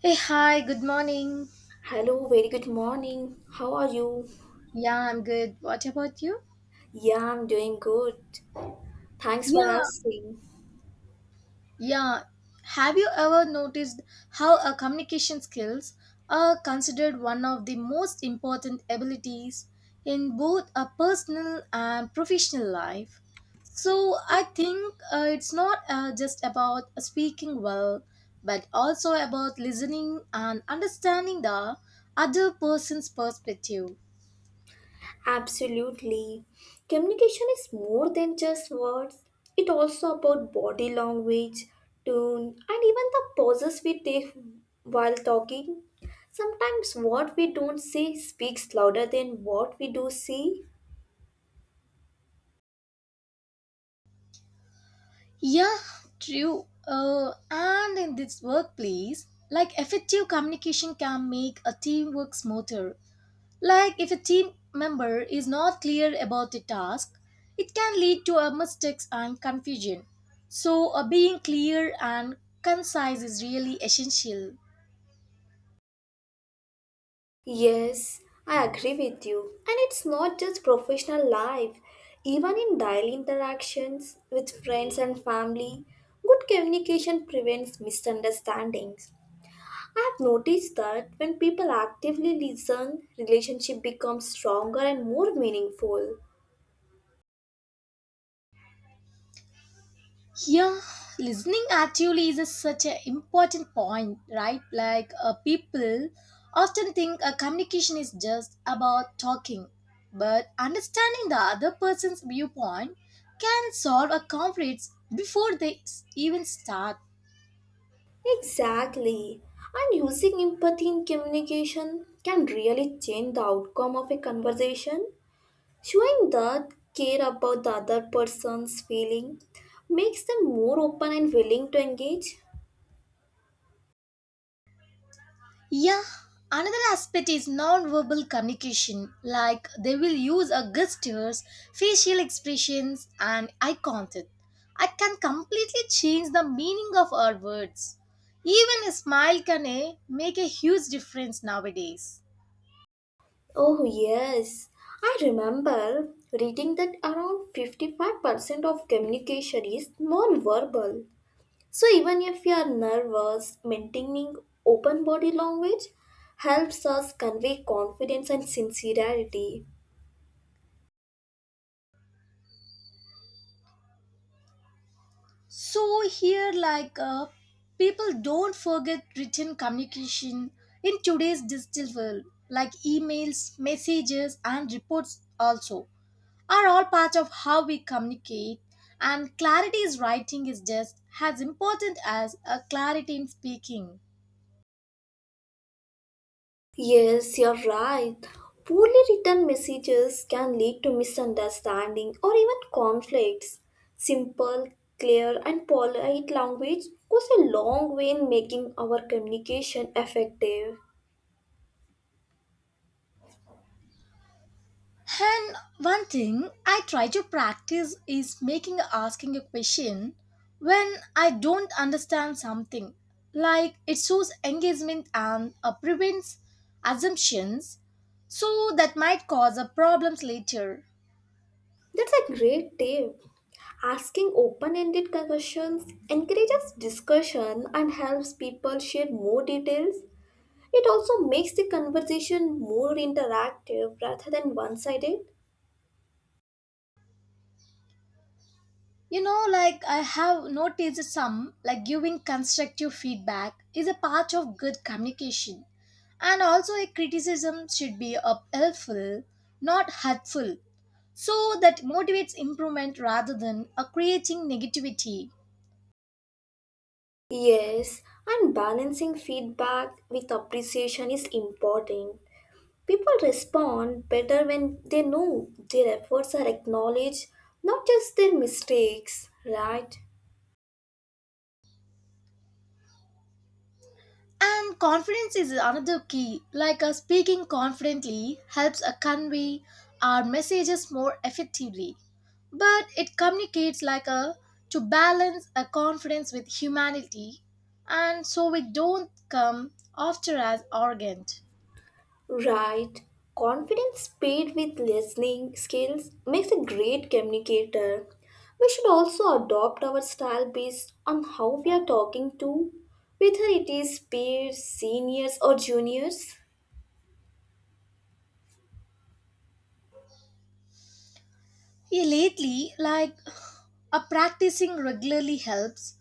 Hey, hi, good morning. Hello, very good morning. How are you? Yeah, I'm good. What about you? Yeah, I'm doing good. Thanks for Yeah, asking. yeah. Have you ever noticed how a communication skills are considered one of the most important abilities in both a personal and professional life? So I think it's not just about speaking well, but also about listening and understanding the other person's perspective. Absolutely. Communication is more than just words. It also about body language, tone, and even the pauses we take while talking. Sometimes what we don't say speaks louder than what we do see. Yeah, true. And in this workplace, like effective communication can make a teamwork smoother. Like if a team member is not clear about the task, it can lead to a mistakes and confusion. So, being clear and concise is really essential. Yes, I agree with you. And it's not just professional life, even in daily interactions with friends and family, good communication prevents misunderstandings. I have noticed that when people actively listen, relationship becomes stronger and more meaningful. Yeah, listening actually is a, such an important point, right? Like people often think communication is just about talking, but understanding the other person's viewpoint can solve a conflicts before even start. Exactly. And using empathy in communication can really change the outcome of a conversation. Showing that care about the other person's feeling makes them more open and willing to engage. Yeah, another aspect is non-verbal communication, like they will use a gestures, facial expressions, and eye contact. I can completely change the meaning of our words. Even a smile can make a huge difference nowadays. Oh, yes. I remember reading that around 55% of communication is non-verbal. So even if we are nervous, maintaining open body language helps us convey confidence and sincerity. So here, like people don't forget written communication in today's digital world, like emails, messages, and reports also are all part of how we communicate, and clarity in writing is just as important as a clarity in speaking. Yes, you're right. Poorly written messages can lead to misunderstanding or even conflicts. Simple, clear, and polite language goes a long way in making our communication effective. And one thing I try to practice is making asking a question when I don't understand something. Like it shows engagement and prevents assumptions, so that might cause a problems later. That's a great tip. Asking open ended questions encourages discussion and helps people share more details. It also makes the conversation more interactive rather than one sided. You know, like I have noticed some, like giving constructive feedback is a part of good communication. And also, a criticism should be helpful, not hurtful, so that motivates improvement rather than creating negativity. Yes, and balancing feedback with appreciation is important. People respond better when they know their efforts are acknowledged, not just their mistakes, right? And confidence is another key. Like speaking confidently helps convey our messages more effectively. But it communicates like a to balance a confidence with humanity, and so we don't come after as arrogant. Right. Confidence paired with listening skills makes a great communicator. We should also adopt our style based on how we are talking to, whether it is peers, seniors, or juniors. Yeah, lately, like a practicing regularly helps,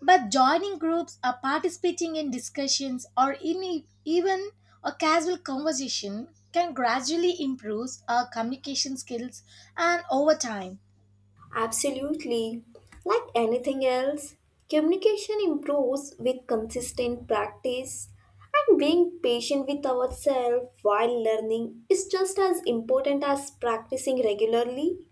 but joining groups, or participating in discussions, or even a casual conversation can gradually improve our communication skills and over time. Absolutely. Like anything else, communication improves with consistent practice, and being patient with ourselves while learning is just as important as practicing regularly.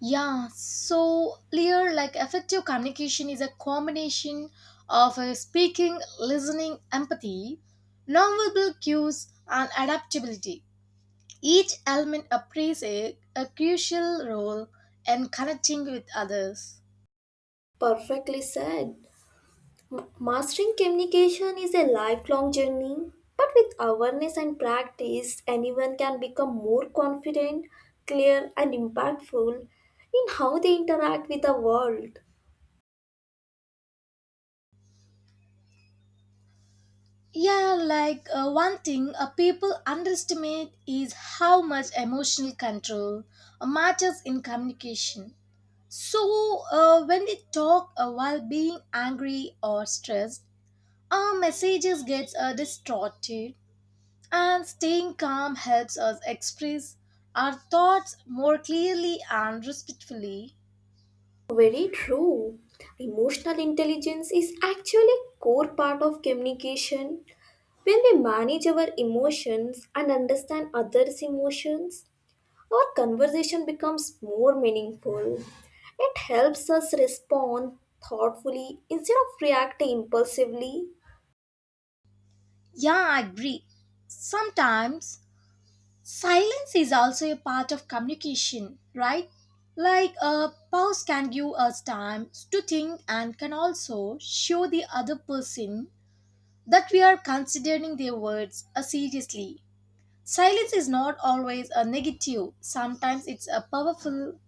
Yeah, so clear like effective communication is a combination of speaking, listening, empathy, nonverbal cues, and adaptability. Each element plays a crucial role in connecting with others. Perfectly said. Mastering communication is a lifelong journey, but with awareness and practice, anyone can become more confident, clear, and impactful in how they interact with the world. Yeah, like one thing people underestimate is how much emotional control matters in communication. So, when we talk while being angry or stressed, our messages get distorted, and staying calm helps us express our thoughts more clearly and respectfully. Very true. Emotional intelligence is actually a core part of communication. When we manage our emotions and understand others' emotions, our conversation becomes more meaningful. It helps us respond thoughtfully instead of reacting impulsively. Yeah, I agree. Sometimes silence is also a part of communication, right? Like a pause can give us time to think and can also show the other person that we are considering their words seriously. Silence is not always a negative, sometimes it's a powerful.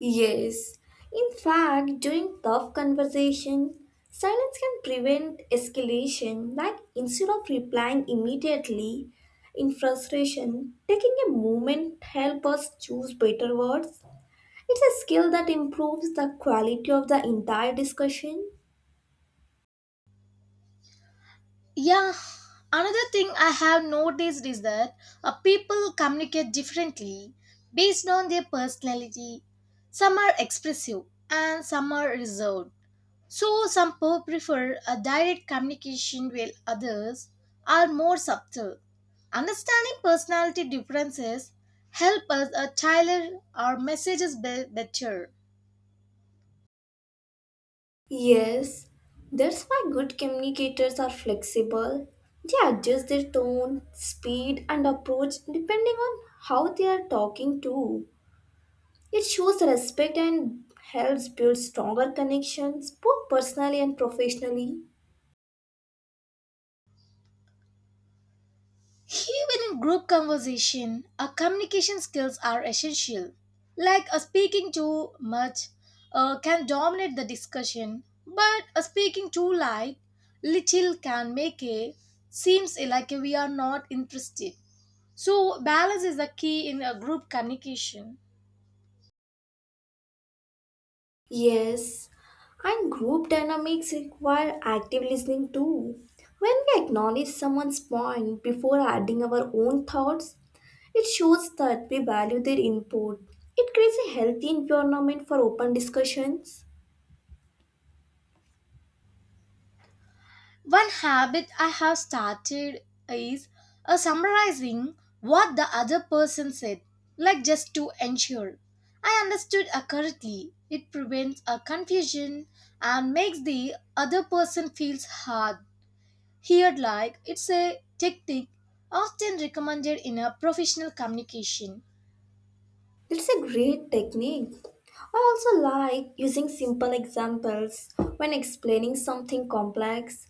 Yes. In fact, during tough conversation, silence can prevent escalation. Like instead of replying immediately in frustration, taking a moment help us choose better words. It's a skill that improves the quality of the entire discussion. Yeah, another thing I have noticed is that people communicate differently based on their personality. Some are expressive and some are reserved. So, some people prefer a direct communication while others are more subtle. Understanding personality differences help us tailor our better. Yes, that's why good communicators are flexible. They adjust their tone, speed, and approach depending on how they are talking to. It shows respect and helps build stronger connections, both personally and professionally. Even in group conversation, our communication skills are essential. Like a speaking too much can dominate the discussion, but a speaking too light, little can make it seems like we are not interested. So balance is the key in a group communication. Yes, and group dynamics require active listening too. When we acknowledge someone's point before adding our own thoughts, it shows that we value their input. It creates a healthy environment for open discussions. One habit I have started is summarizing what the other person said, like just to ensure I understood accurately. It prevents a confusion and makes the other person feels hard. Here, like it's a tactic often recommended in a professional communication. That's a great technique. I also like using simple examples when explaining something complex.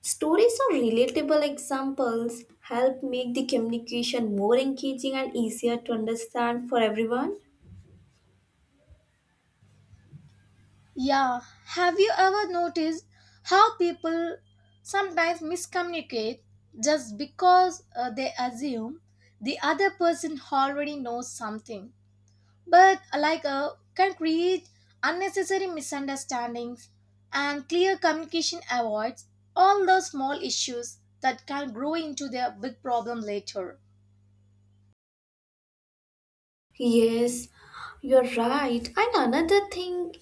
Stories or relatable examples help make the communication more engaging and easier to understand for everyone. Yeah, have you ever noticed how people sometimes miscommunicate just because they assume the other person already knows something, but like can create unnecessary misunderstandings and clear communication avoids all those small issues that can grow into their big problem later. Yes, you're right. And another thing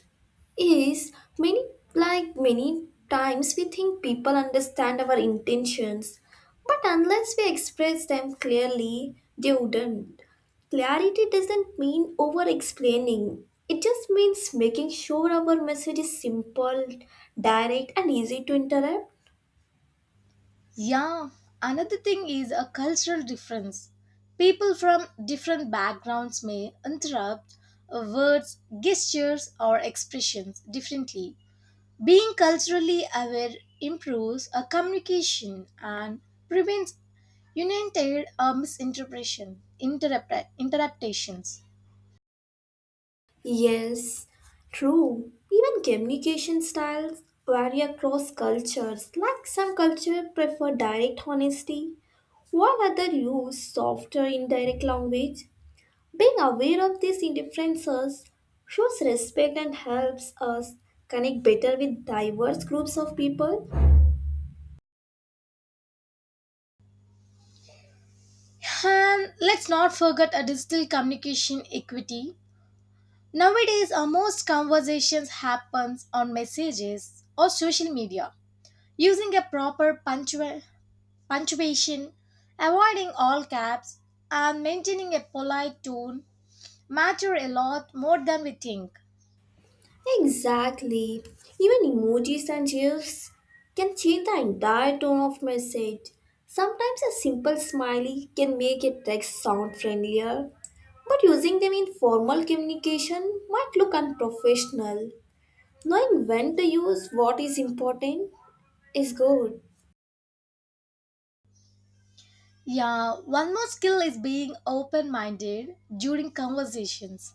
is many like many times we think people understand our intentions, but unless we express them clearly, they wouldn't. Clarity doesn't mean over explaining. It just means making sure our message is simple, direct and easy to interrupt. Yeah, another thing is a cultural difference. People from different backgrounds may interrupt words, gestures, or expressions differently. Being culturally aware improves a communication and prevents unintended or misinterpretation, interruptations. Yes, true. Even communication styles vary across cultures. Like some cultures prefer direct honesty, while others use softer indirect language. Being aware of these differences shows respect and helps us connect better with diverse groups of people. And let's not forget a digital communication equity. Nowadays, our most conversations happens on messages or social media. Using a proper punctuation, avoiding all caps, and maintaining a polite tone matter a lot more than we think. Exactly. Even emojis and gifs can change the entire tone of message. Sometimes a simple smiley can make a text sound friendlier, but using them in formal communication might look unprofessional. Knowing when to use what is important is good. Yeah, one more skill is being open minded during conversations.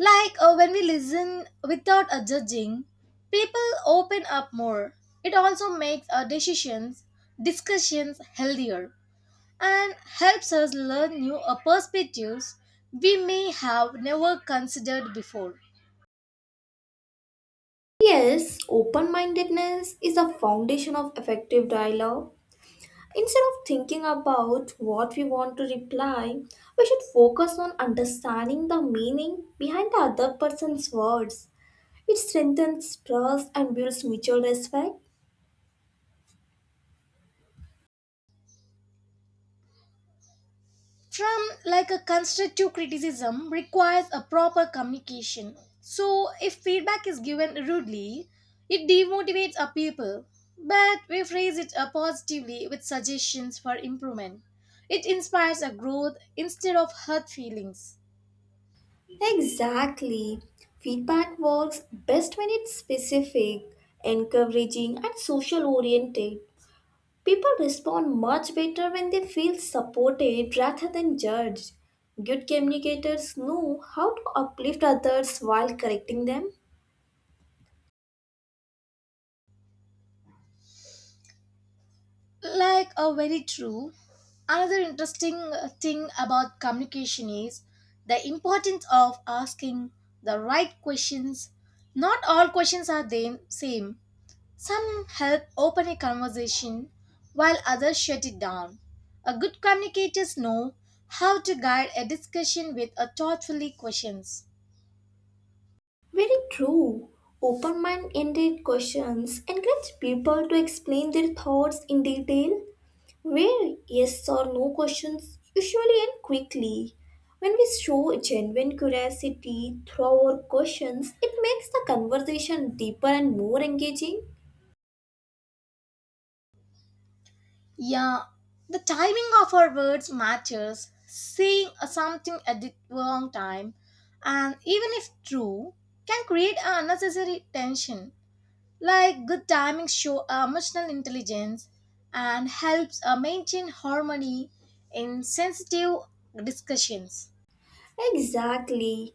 Like when we listen without a judging, people open up more. It also makes our decisions, discussions healthier, and helps us learn new perspectives we may have never considered before. Yes, open mindedness is the foundation of effective dialogue. Instead of thinking about what we want to reply, we should focus on understanding the meaning behind the other person's words. It strengthens trust and builds mutual respect. From like a constructive criticism requires a proper communication. So if feedback is given rudely, it demotivates our people. But we phrase it positively with suggestions for improvement. It inspires a growth instead of hurt feelings. Exactly. Feedback works best when it's specific, encouraging, and social oriented. People respond much better when they feel supported rather than judged. Good communicators know how to uplift others while correcting them. Like, a very true. Another interesting thing about communication is the importance of asking the right questions. Not all questions are the same. Some help open a conversation while others shut it down. A good communicators know how to guide a discussion with a thoughtfully questions. Very true. Open mind ended questions encourage people to explain their thoughts in detail, where yes or no questions usually end quickly. When we show genuine curiosity through our questions, it makes the conversation deeper and more engaging. Yeah, the timing of our words matters. Saying a something at the wrong time, and even if true, can create an unnecessary tension. Like good timing show emotional intelligence and helps maintain harmony in sensitive discussions. Exactly.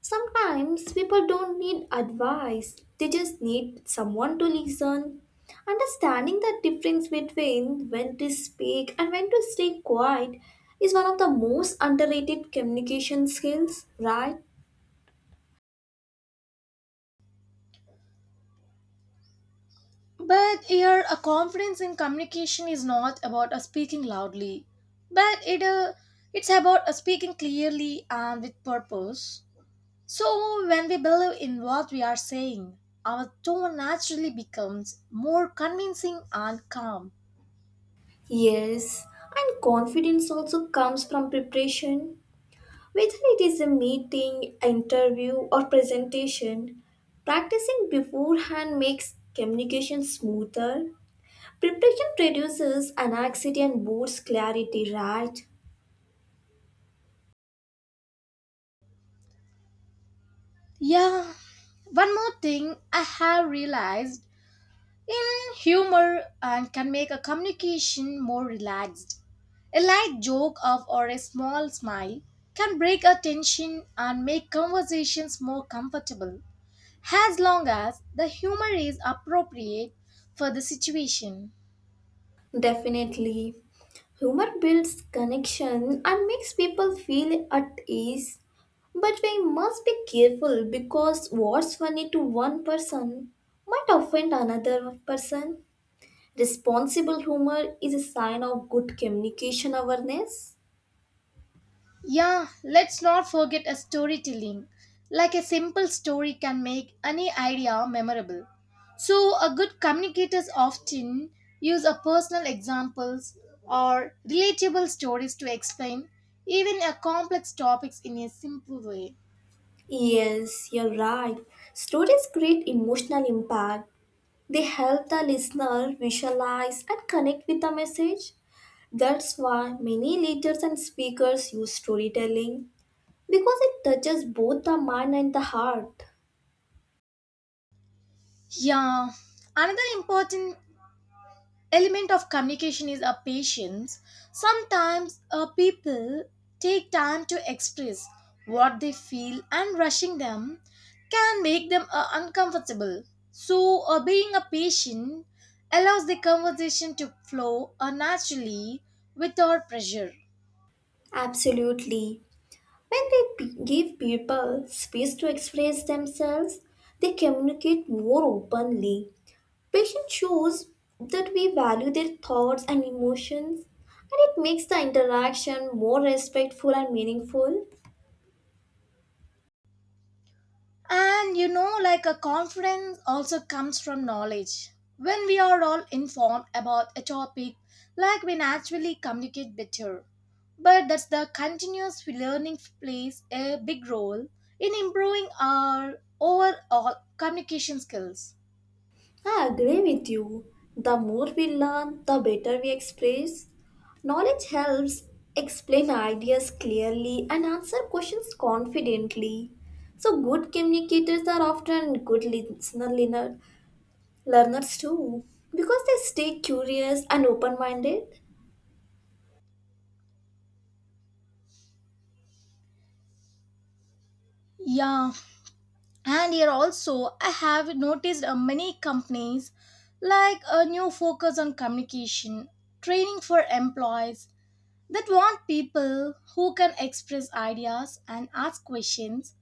Sometimes people don't need advice, they just need someone to listen. Understanding the difference between when to speak and when to stay quiet is one of the most underrated communication skills, right? But here, a confidence in communication is not about speaking loudly, but it's about speaking clearly and with purpose. So, when we believe in what we are saying, our tone naturally becomes more convincing and calm. Yes, and confidence also comes from preparation. Whether it is a meeting, interview, or presentation, practicing beforehand makes communication smoother. Preparation reduces anxiety and boosts clarity, right? Yeah, one more thing I have realized in humor and can make a communication more relaxed. A light joke of or a small smile can break a tension and make conversations more comfortable as long as the humor is appropriate for the situation. Definitely. Humor builds connection and makes people feel at ease. But we must be careful because what's funny to one person might offend another person. Responsible humor is a sign of good communication awareness. Yeah, let's not forget a storytelling. Like a simple story can make any idea memorable. So, a good communicators often use a personal examples or relatable stories to explain even a complex topics in a simple way. Yes, you're right. Stories create emotional impact. They help the listener visualize and connect with the message. That's why many leaders and speakers use storytelling because it touches both the mind and the heart. Yeah, another important element of communication is a patience sometimes people take time to express what they feel and rushing them can make them uncomfortable so being a patient allows the conversation to flow naturally without pressure. Absolutely. When give people space to express themselves, they communicate more openly. Patience shows that we value their thoughts and emotions, and it makes the interaction more respectful and meaningful. And you know, like a confidence also comes from knowledge. When we are all informed about a topic, like we naturally communicate better. But that's the continuous learning plays a big role in improving our overall communication skills. I agree with you. The more we learn, the better we express. Knowledge helps explain ideas clearly and answer questions confidently. So, good communicators are often good learners too because they stay curious and open minded. Yeah, and here also I have noticed many companies like a new focus on communication, training for employees, that want people who can express ideas and ask questions.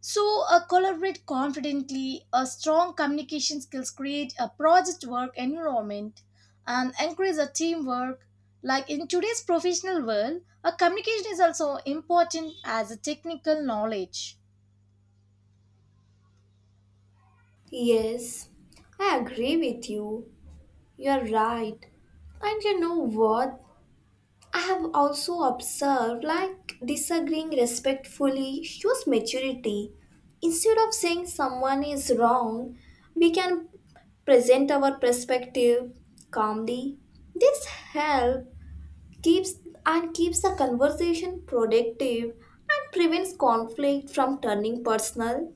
So, collaborate confidently. A strong communication skills create a project work environment and encourage a teamwork. Like in today's professional world, a communication is also important as a technical knowledge. Yes, I agree with you. You're right. And you know what? I have also observed like disagreeing respectfully shows maturity. Instead of saying someone is wrong, we can present our perspective calmly. This help keeps and keeps the conversation productive and prevents conflict from turning personal.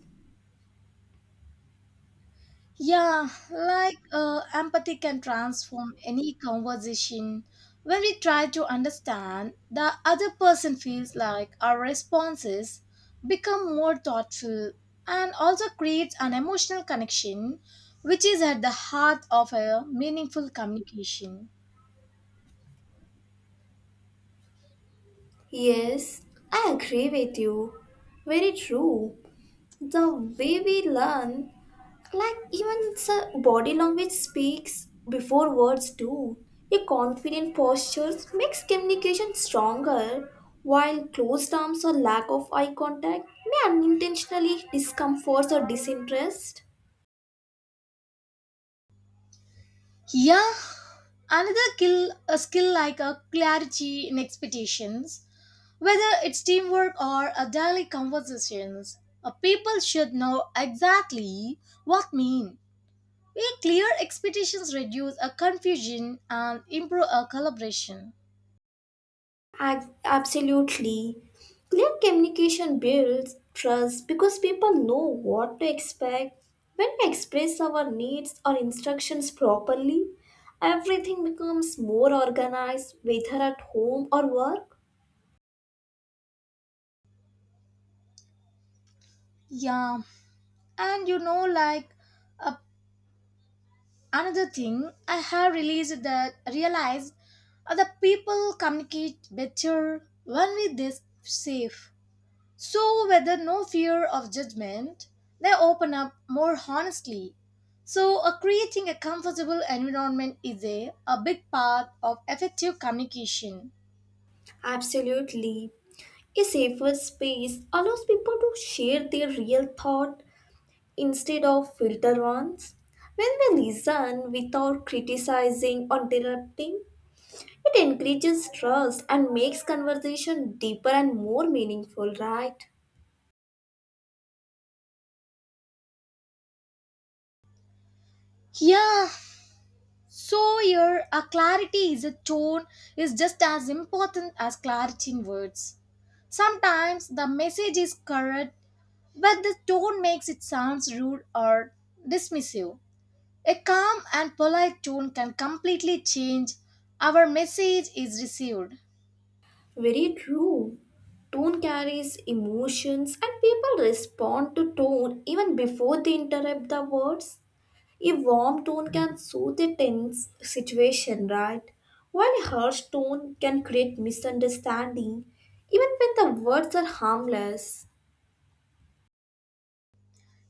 Yeah, like empathy can transform any conversation. When we try to understand, the other person feels like our responses become more thoughtful and also creates an emotional connection, which is at the heart of a meaningful communication. Yes, I agree with you. Very true. The way we learn like even sir, body language speaks before words do. A confident postures makes communication stronger, while closed arms or lack of eye contact may unintentionally discomfort or disinterest. Yeah, another skill, a skill like a clarity in expectations. Whether it's teamwork or a daily conversations, people should know exactly what mean. We clear expectations reduce a confusion and improve a collaboration. Absolutely. Clear communication builds trust because people know what to expect. When we express our needs or instructions properly, everything becomes more organized, whether at home or work. Yeah, and you know, like uh, another thing, I have released that realized other people communicate better when we this safe. So, whether no fear of judgment, they open up more honestly. So, creating a comfortable environment is a big part of effective communication. Absolutely. A safer space allows people to share their real thought instead of filter ones. When we listen without criticizing or interrupting, it encourages trust and makes conversation deeper and more meaningful, right? Yeah, so here a clarity is a tone is just as important as clarity in words. Sometimes the message is correct, but the tone makes it sounds rude or dismissive. A calm and polite tone can completely change our message is received. Very true. Tone carries emotions and people respond to tone even before they interrupt the words. A warm tone can soothe a tense situation, right? While a harsh tone can create misunderstanding even when the words are harmless.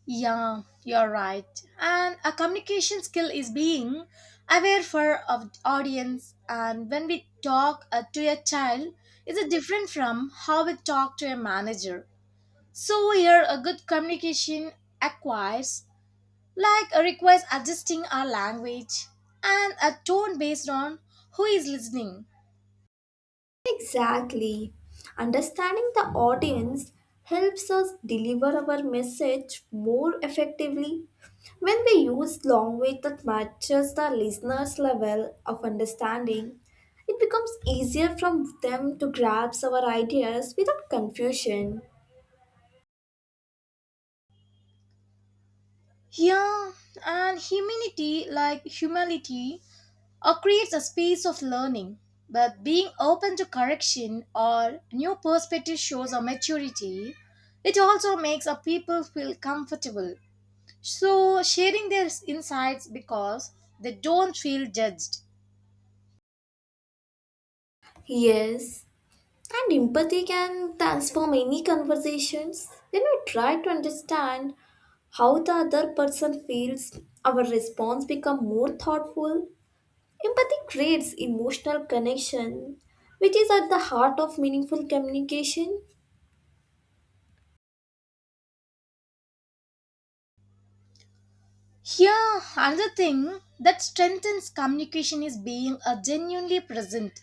Yeah, you're right. And a communication skill is being aware for of audience and when we talk to a child is it different from how we talk to a manager. So here a good communication acquires like requires adjusting our language and a tone based on who is listening. Exactly. Understanding the audience helps us deliver our message more effectively. When we use language that matches the listener's level of understanding, it becomes easier for them to grasp our ideas without confusion. Yeah, and humanity, like humility, creates a space of learning. But being open to correction or new perspective shows a maturity. It also makes a people feel comfortable. So sharing their insights because they don't feel judged. Yes, and empathy can transform any conversations. When we try to understand how the other person feels, our response become more thoughtful. Empathy creates emotional connection, which is at the heart of meaningful communication. Here, another thing that strengthens communication is being a genuinely present.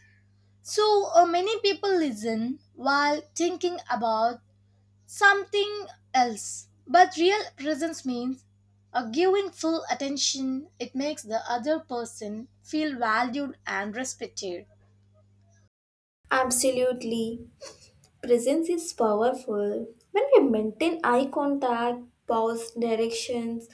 So many people listen while thinking about something else. But real presence means a giving full attention. It makes the other person feel valued and respected. Absolutely. Presence is powerful. When we maintain eye contact, pause, directions,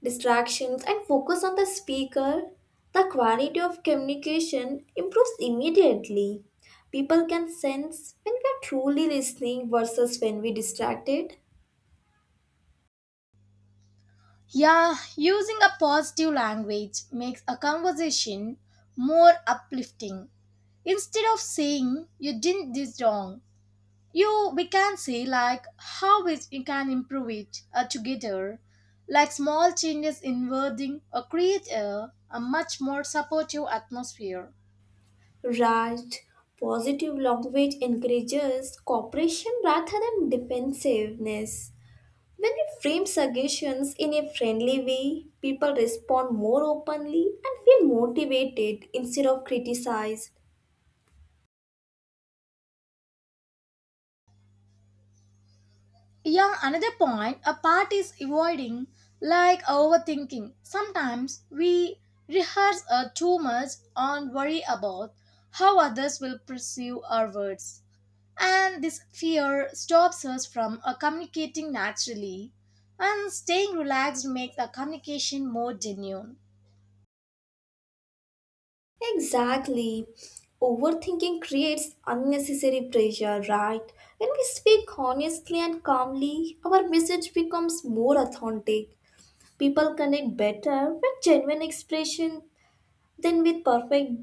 distractions, and focus on the speaker, the quality of communication improves immediately. People can sense when we are truly listening versus when we distracted. Yeah, using a positive language makes a conversation more uplifting. Instead of saying you did this wrong, you we can say like how we you can improve it together. Like small changes in wording or create a much more supportive atmosphere. Right. Positive language encourages cooperation rather than defensiveness. When we frame suggestions in a friendly way, people respond more openly and feel motivated instead of criticized. Yeah, another point a part is avoiding like overthinking. Sometimes we rehearse too much and worry about how others will perceive our words. And this fear stops us from communicating naturally. And staying relaxed makes the communication more genuine. Exactly. Overthinking creates unnecessary pressure, right? When we speak honestly and calmly, our message becomes more authentic. People connect better with genuine expression then with perfect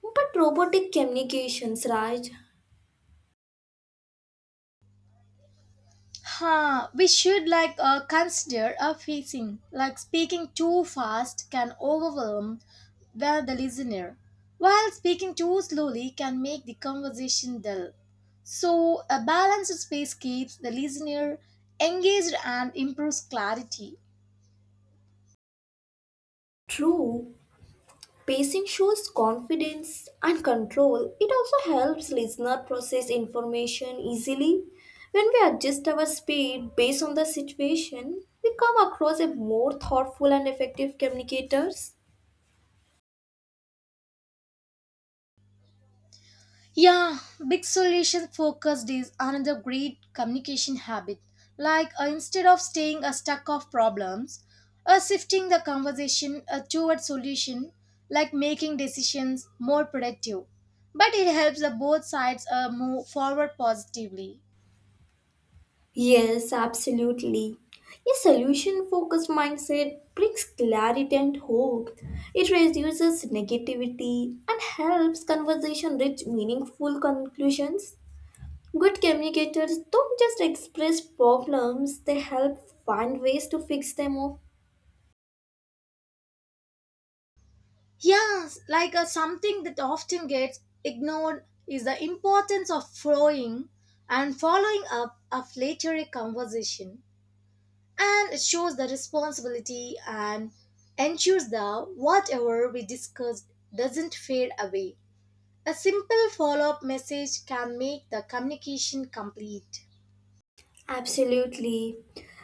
but robotic communications, right? Huh, we should like consider a pacing. Like speaking too fast can overwhelm the listener, while speaking too slowly can make the conversation dull. So a balanced space keeps the listener engaged and improves clarity. True. Pacing shows confidence and control. It also helps listener process information easily. When we adjust our speed based on the situation, we come across as more thoughtful and effective communicators. Yeah, big solution focused is another great communication habit. Like instead of staying a stuck of problems, shifting the conversation toward solution, like making decisions more productive. But it helps the both sides move forward positively. Yes, absolutely. A solution focused mindset brings clarity and hope. It reduces negativity and helps conversation reach meaningful conclusions. Good communicators don't just express problems, they help find ways to fix them. Yes, like something that often gets ignored is the importance of flowing and following up of later a conversation and it shows the responsibility and ensures that whatever we discussed doesn't fade away. A simple follow up message can make the communication complete. Absolutely.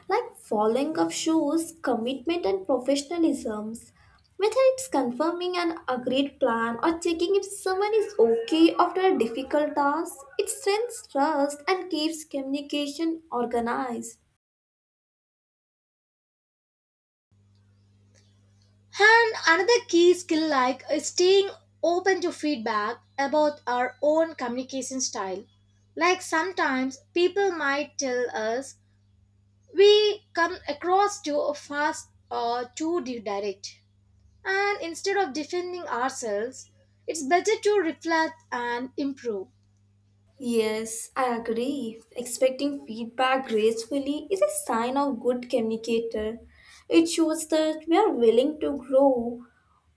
Like following up shows commitment and professionalisms. Whether it's confirming an agreed plan or checking if someone is okay after a difficult task, it strengthens trust and keeps communication organized. And another key skill like is staying open to feedback about our own communication style. Like sometimes people might tell us we come across too fast or too direct. And instead of defending ourselves, it's better to reflect and improve. Yes, I agree. Expecting feedback gracefully is a sign of good communicator. It shows that we are willing to grow.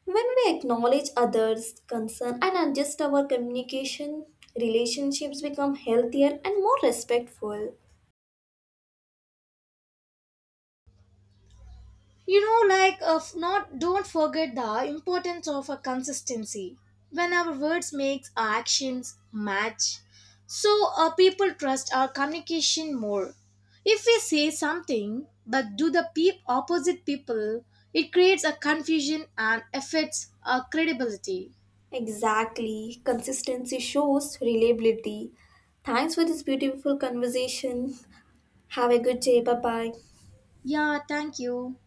When we acknowledge others' concern and adjust our communication, relationships become healthier and more respectful. You know, like not don't forget the importance of a consistency. When our words makes our actions match, so people trust our communication more. If we say something but do the peep opposite people, it creates a confusion and affects our credibility. Exactly. Consistency shows reliability. Thanks for this beautiful conversation. Have a good day. Bye bye. Yeah, thank you.